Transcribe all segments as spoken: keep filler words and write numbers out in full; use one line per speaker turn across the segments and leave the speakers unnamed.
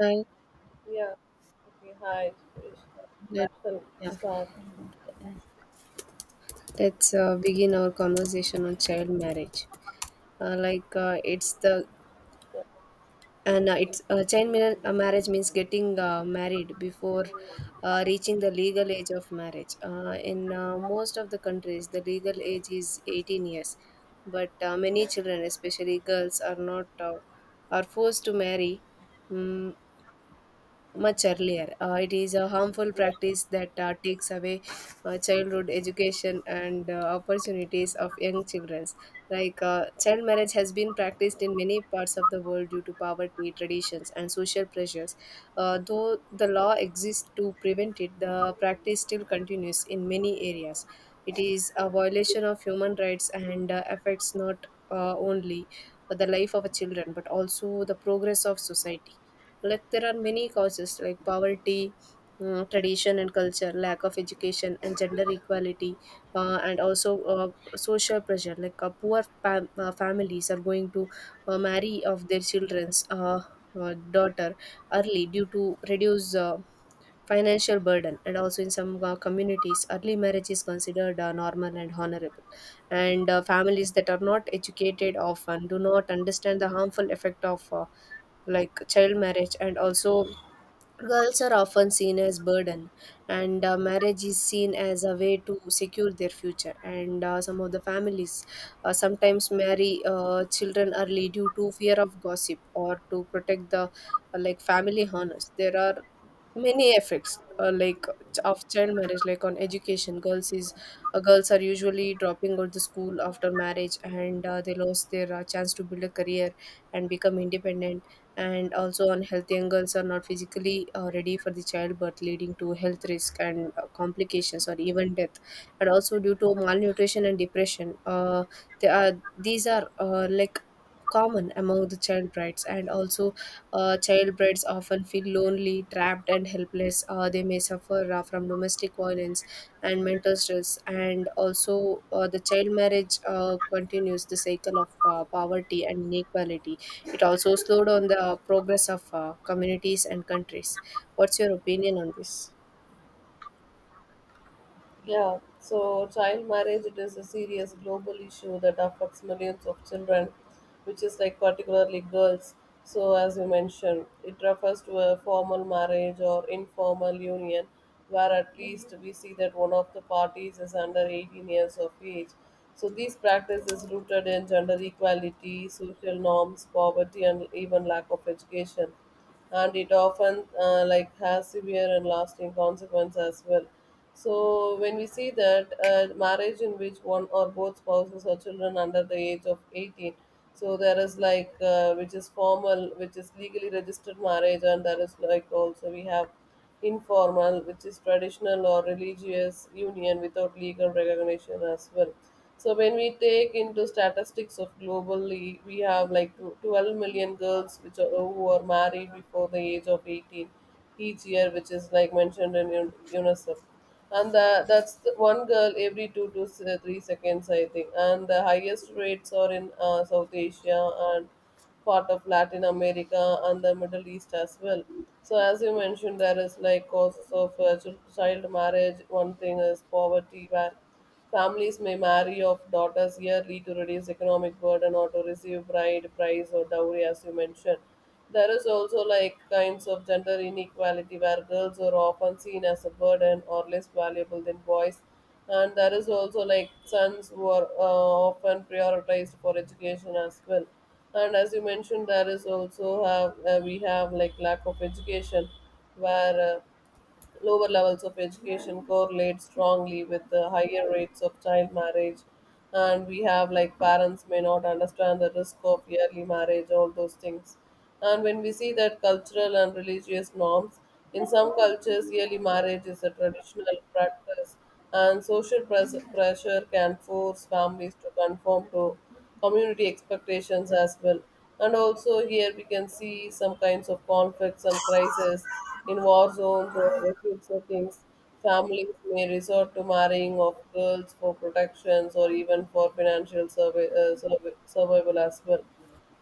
Hi.
Yeah. Okay. Hi.
Let,
So
yeah,
start.
let's uh, begin our conversation on child marriage. Uh, like, uh, it's the and uh, it's uh, child mar- uh, marriage means getting uh, married before uh, reaching the legal age of marriage. Uh, in uh, most of the countries, the legal age is eighteen years, but uh, many children, especially girls, are not uh, are forced to marry. Mm much earlier. Uh, it is a harmful
Yeah.
practice that uh, takes away uh, childhood education and uh, opportunities of young children. Like, uh, child marriage has been practiced in many parts of the world due to poverty, traditions, and social pressures. Uh, though the law exists to prevent it, the practice still continues in many areas. It is a violation of human rights and uh, affects not uh, only the life of a children, but also the progress of society. Like, there are many causes, like poverty, mm, tradition and culture, lack of education, and gender equality, uh, and also uh, social pressure. Like, uh, poor fam- uh, families are going to uh, marry of their children's uh, uh, daughter early due to reduced uh, financial burden, and also in some uh, communities early marriage is considered uh, normal and honorable. And uh, families that are not educated often do not understand the harmful effect of uh, like child marriage. And also, girls are often seen as burden, and uh, marriage is seen as a way to secure their future. And uh, some of the families uh, sometimes marry uh, children early due to fear of gossip or to protect the uh, like family honors. There are many effects, uh, like ch- of child marriage, like on education. Girls is uh, girls are usually dropping out the school after marriage, and uh, they lost their uh, chance to build a career and become independent. And also, unhealthy angles are not physically uh, ready for the childbirth, leading to health risk and uh, complications, or even death. And also, due to malnutrition and depression, uh, they are, these are uh, like common among the child brides. And also, uh, child brides often feel lonely, trapped, and helpless. Uh, they may suffer uh, from domestic violence and mental stress. And also, uh, the child marriage uh, continues the cycle of uh, poverty and inequality. It also slowed down the progress of uh, communities and countries. What's your opinion on this?
Yeah, so child marriage, it is a serious global issue that affects millions of children, which is like particularly girls. So as you mentioned, it refers to a formal marriage or informal union where at least we see that one of the parties is under eighteen years of age. So this practice is rooted in gender equality, social norms, poverty, and even lack of education, and it often uh, like has severe and lasting consequences as well. So when we see that a marriage in which one or both spouses or children under the age of eighteen, so there is like uh, which is formal, which is legally registered marriage, and there is like also we have informal, which is traditional or religious union without legal recognition as well. So when we take into statistics of globally, we have like twelve million girls which are, who are married before the age of eighteen each year, which is like mentioned in U- UNICEF, and the, that's the one girl every two to s- uh, three seconds, I think, and the highest rates are in uh, South Asia and part of Latin America and the Middle East as well. So as you mentioned, there is like causes of uh, chil- child marriage. One thing is poverty, where families may marry off daughters yearly to reduce economic burden or to receive bride price or dowry, as you mentioned. There is also like kinds of gender inequality where girls are often seen as a burden or less valuable than boys, and there is also like sons who are uh, often prioritized for education as well. And as you mentioned, there is also have uh, we have like lack of education where. Uh, Lower levels of education correlate strongly with the higher rates of child marriage, and we have like parents may not understand the risk of early marriage, all those things. And when we see that cultural and religious norms, in some cultures, early marriage is a traditional practice, and social pres- pressure can force families to conform to community expectations as well. And also, here we can see some kinds of conflicts and crises in war zones or refugee settings, families may resort to marrying of girls for protections or even for financial survi- uh, survi- survival as well.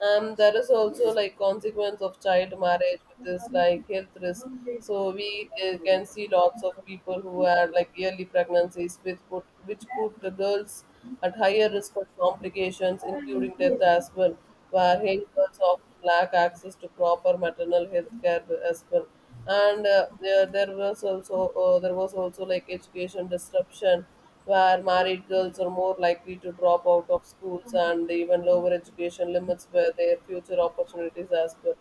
And there is also like consequence of child marriage, which is like health risk. So we uh, can see lots of people who had like early pregnancies, which put which put the girls at higher risk of complications, including death as well, where young girls often lack access to proper maternal health care as well. And uh, yeah, there was also uh, there was also like education disruption where married girls are more likely to drop out of schools, and even lower education limits where their future opportunities as well.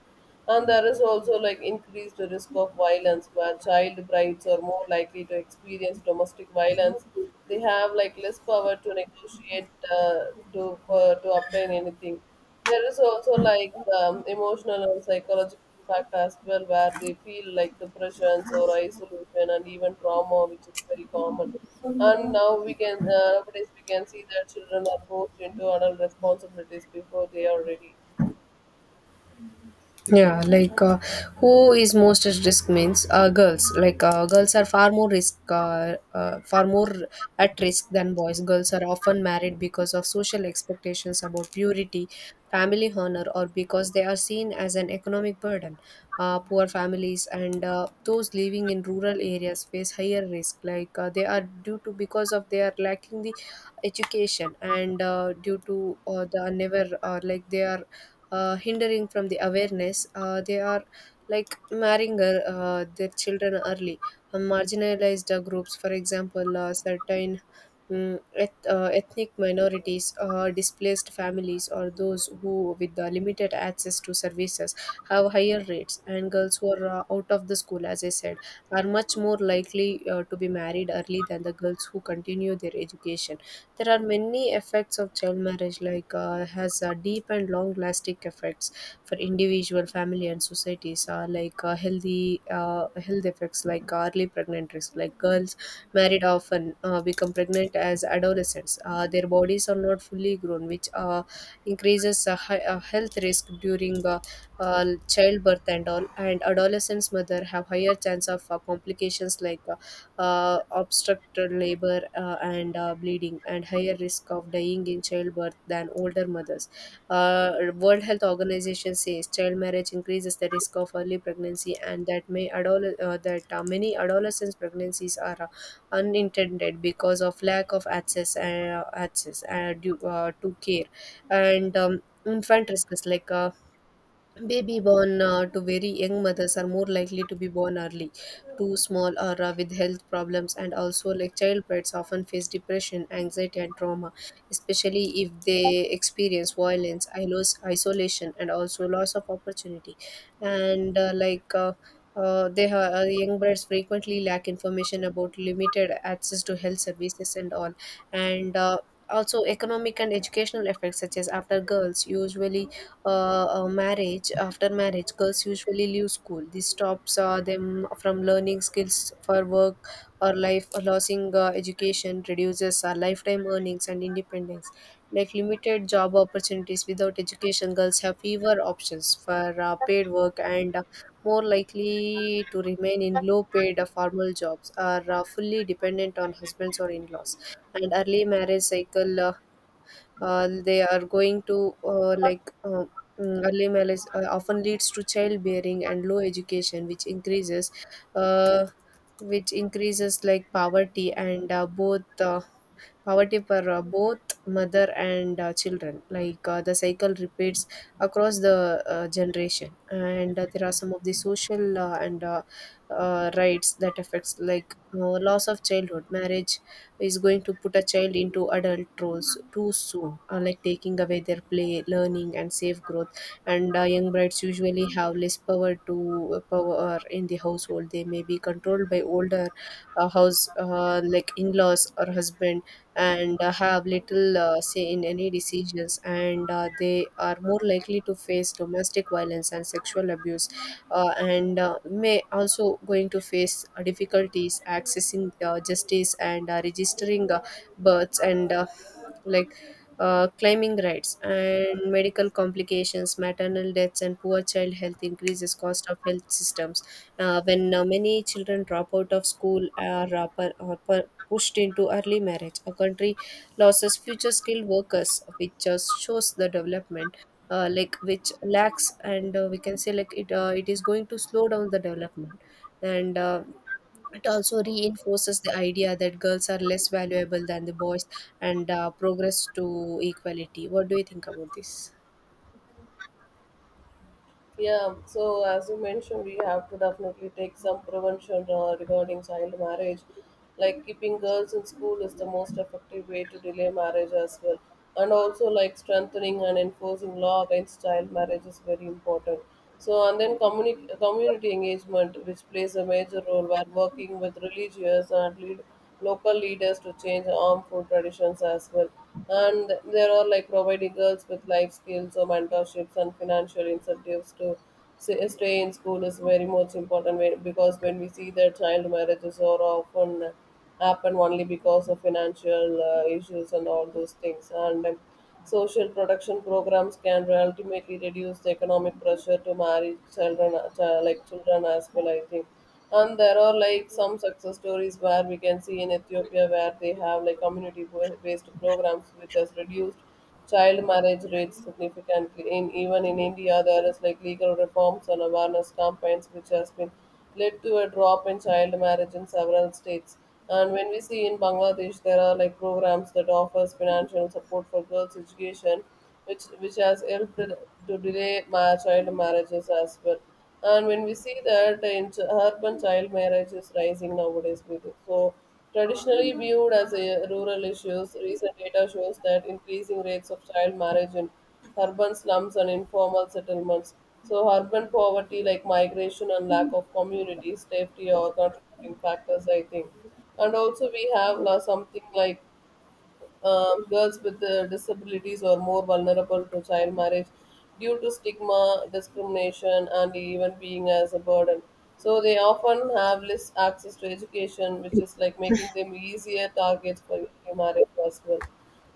And there is also like increased risk of violence where child brides are more likely to experience domestic violence. They have like less power to negotiate, uh, to uh, to obtain anything. There is also like um, emotional and psychological impact as well, where they feel like depressions or isolation and even trauma, which is very common. And now we can uh, nowadays we can see that children are forced into adult responsibilities before they are ready.
Yeah. Like, uh, who is most at risk means, uh, girls. Like, uh, girls are far more risk, uh, uh, far more at risk than boys. Girls are often married because of social expectations about purity, family honor, or because they are seen as an economic burden. Uh, poor families and uh, those living in rural areas face higher risk. Like, uh, they are, due to, because of they are lacking the education, and uh, due to uh, the never, uh, like they are uh, hindering from the awareness. Uh, they are, like, marrying uh, uh, their children early. Uh, marginalized uh, groups, for example, uh, certain mm, eth- uh, ethnic minorities, uh, displaced families, or those who with the limited access to services have higher rates. And girls who are uh, out of the school, as I said, are much more likely uh, to be married early than the girls who continue their education. There are many effects of child marriage, like, uh, has uh, deep and long lasting effects for individual, family, and societies. Uh, like, uh, healthy uh, health effects, like early pregnant risk. Like, girls married often uh, become pregnant as adolescents. Uh, their bodies are not fully grown, which uh, increases uh, hi- uh, health risk during uh, uh, childbirth and all. And adolescents' mother have higher chance of uh, complications, like uh, uh, obstructed labor uh, and uh, bleeding, and higher risk of dying in childbirth than older mothers. Uh, world Health Organization says child marriage increases the risk of early pregnancy, and that may adole- uh, that uh, many adolescent pregnancies are uh, unintended because of lack of access uh, access, uh, due, uh, to care. And um, infant risks, like, uh, baby born uh, to very young mothers are more likely to be born early, too small, or uh, with health problems. And also, like, childbirths often face depression, anxiety, and trauma, especially if they experience violence, ilos- isolation, and also loss of opportunity. And uh, like, uh, uh, they ha- uh, young birds frequently lack information about limited access to health services and all, and. Uh, also, economic and educational effects, such as after girls usually uh, uh, marriage after marriage, girls usually leave school. This stops uh, them from learning skills for work or life. Losing uh, education reduces uh, lifetime earnings and independence. Like, limited job opportunities. Without education, girls have fewer options for uh, paid work, and uh, more likely to remain in low paid uh, formal jobs, are uh, fully dependent on husbands or in-laws. And early marriage cycle, uh, uh, they are going to uh, like uh, mm, early marriage uh, often leads to childbearing and low education, which increases uh, which increases, like, poverty and uh, both, uh, poverty for uh, both mother and uh, children. Like, uh, the cycle repeats across the uh, generation. And uh, there are some of the social, uh, and uh, uh, rights that affects, like, uh, loss of childhood marriage is going to put a child into adult roles too soon, uh, like taking away their play, learning, and safe growth. And uh, young brides usually have less power to, uh, power in the household. They may be controlled by older, uh, house, uh, like in-laws or husband, and uh, have little uh, say in any decisions. And uh, they are more likely to face domestic violence and sexual abuse, uh, and uh, may also going to face uh, difficulties accessing uh, justice and uh, registering uh, births and uh, like, uh, claiming rights. And medical complications, maternal deaths, and poor child health increases cost of health systems. Uh, when uh, many children drop out of school or, uh, per, or per, pushed into early marriage, a country loses future skilled workers, which just shows the development, uh, like, which lacks. And uh, we can say, like, it uh, it is going to slow down the development. And uh, it also reinforces the idea that girls are less valuable than the boys, and uh, progress to equality. What do you think about this?
Yeah, so as you mentioned, we have to definitely take some prevention uh, regarding child marriage. Like keeping girls in school is the most effective way to delay marriage as well. And also, like strengthening and enforcing law against child marriage is very important. So, and then communi- community engagement, which plays a major role while working with religious and lead local leaders to change armed food traditions as well. And there are like providing girls with life skills or mentorships and financial incentives to s- stay in school is very much important when- because when we see that child marriages are often happen only because of financial uh, issues and all those things. And um, social protection programs can ultimately reduce the economic pressure to marry children, uh, like children as well, I think. And there are like some success stories where we can see in Ethiopia where they have like community based programs which has reduced child marriage rates significantly. In even in India, there is like legal reforms and awareness campaigns which has been led to a drop in child marriage in several states. And when we see in Bangladesh, there are like programs that offers financial support for girls' education which which has helped to delay ma- child marriages as well. And when we see that in ch- urban child marriage is rising nowadays, with it. So traditionally viewed as a rural issues, recent data shows that increasing rates of child marriage in urban slums and informal settlements. So urban poverty, like migration and lack of community safety, are contributing factors, I think. And also we have uh, something like um, girls with uh, disabilities are more vulnerable to child marriage due to stigma, discrimination, and even being as a burden. So they often have less access to education, which is like making them easier targets for marriage as well.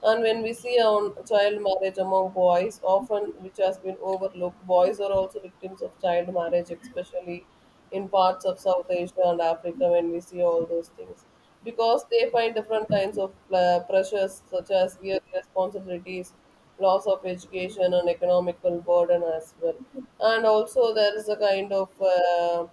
And when we see on child marriage among boys, often which has been overlooked, boys are also victims of child marriage, especially in parts of South Asia and Africa. When we see all those things, because they find different kinds of uh, pressures such as year responsibilities, loss of education, and economical burden as well. And also, there is a kind of uh,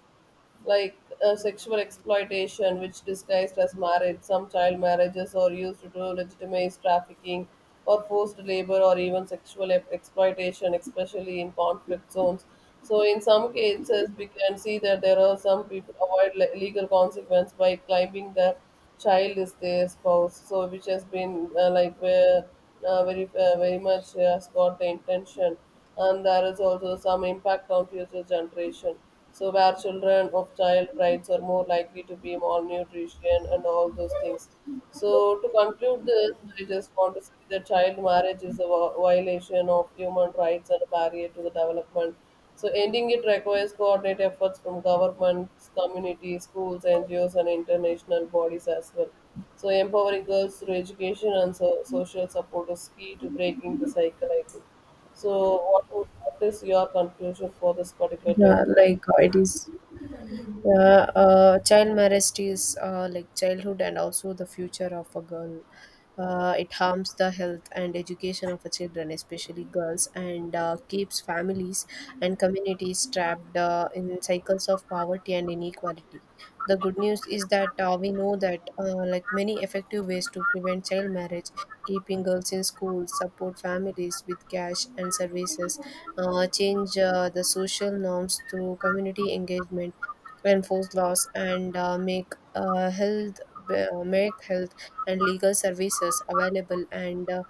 like uh, sexual exploitation, which disguised as marriage. Some child marriages are used to legitimize trafficking or forced labor or even sexual ep- exploitation, especially in conflict zones. So, in some cases, we can see that there are some people avoid le- legal consequence by claiming the child is their spouse. So, which has been uh, like where uh, very uh, very much has got the intention, and there is also some impact on future generation. So where children of child brides are more likely to be malnutrition and all those things. So to conclude this, I just want to say that child marriage is a vi- violation of human rights and a barrier to the development. So ending it requires coordinated efforts from governments, communities, schools, N G Os, and international bodies as well. So empowering girls through education and so- social support is key to breaking the cycle, I think. So what, would- what is your conclusion for this particular
Yeah.
topic?
Like, uh, it is Yeah, uh, child marriage is, uh, like, childhood and also the future of a girl. Uh, it harms the health and education of a children, especially girls, and uh, keeps families and communities trapped uh, in cycles of poverty and inequality. The good news is that uh, we know that uh, like many effective ways to prevent child marriage: keeping girls in school, support families with cash and services, uh, change uh, the social norms through community engagement, enforce laws, and uh, make uh, health uh, make health and legal services available, and uh,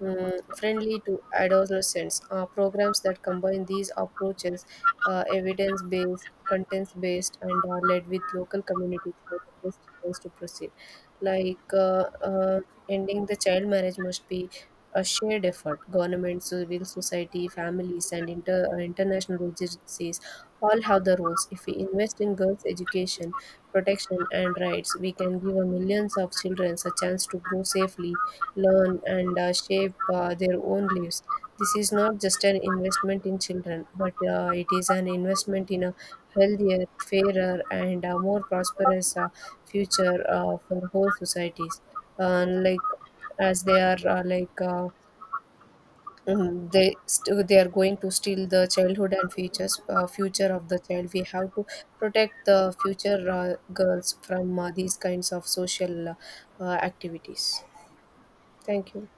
mm, friendly to adolescents. Uh, programs that combine these approaches, uh, evidence based, contents based, and are led with local communities, are the best ways to proceed. Like, uh, uh, ending the child marriage must be a shared effort. Government, civil society, families, and inter- uh, international agencies all have the roles. If we invest in girls' education, protection, and rights, we can give a millions of children a chance to grow safely, learn, and uh, shape uh, their own lives. This is not just an investment in children, but uh, it is an investment in a healthier, fairer, and uh, more prosperous uh, future uh, for whole societies. Uh, like as they are uh, like. Uh, Mhm. They st- they are going to steal the childhood and futures uh, future of the child. We have to protect the future uh, girls from uh, these kinds of social uh, uh, activities. Thank you.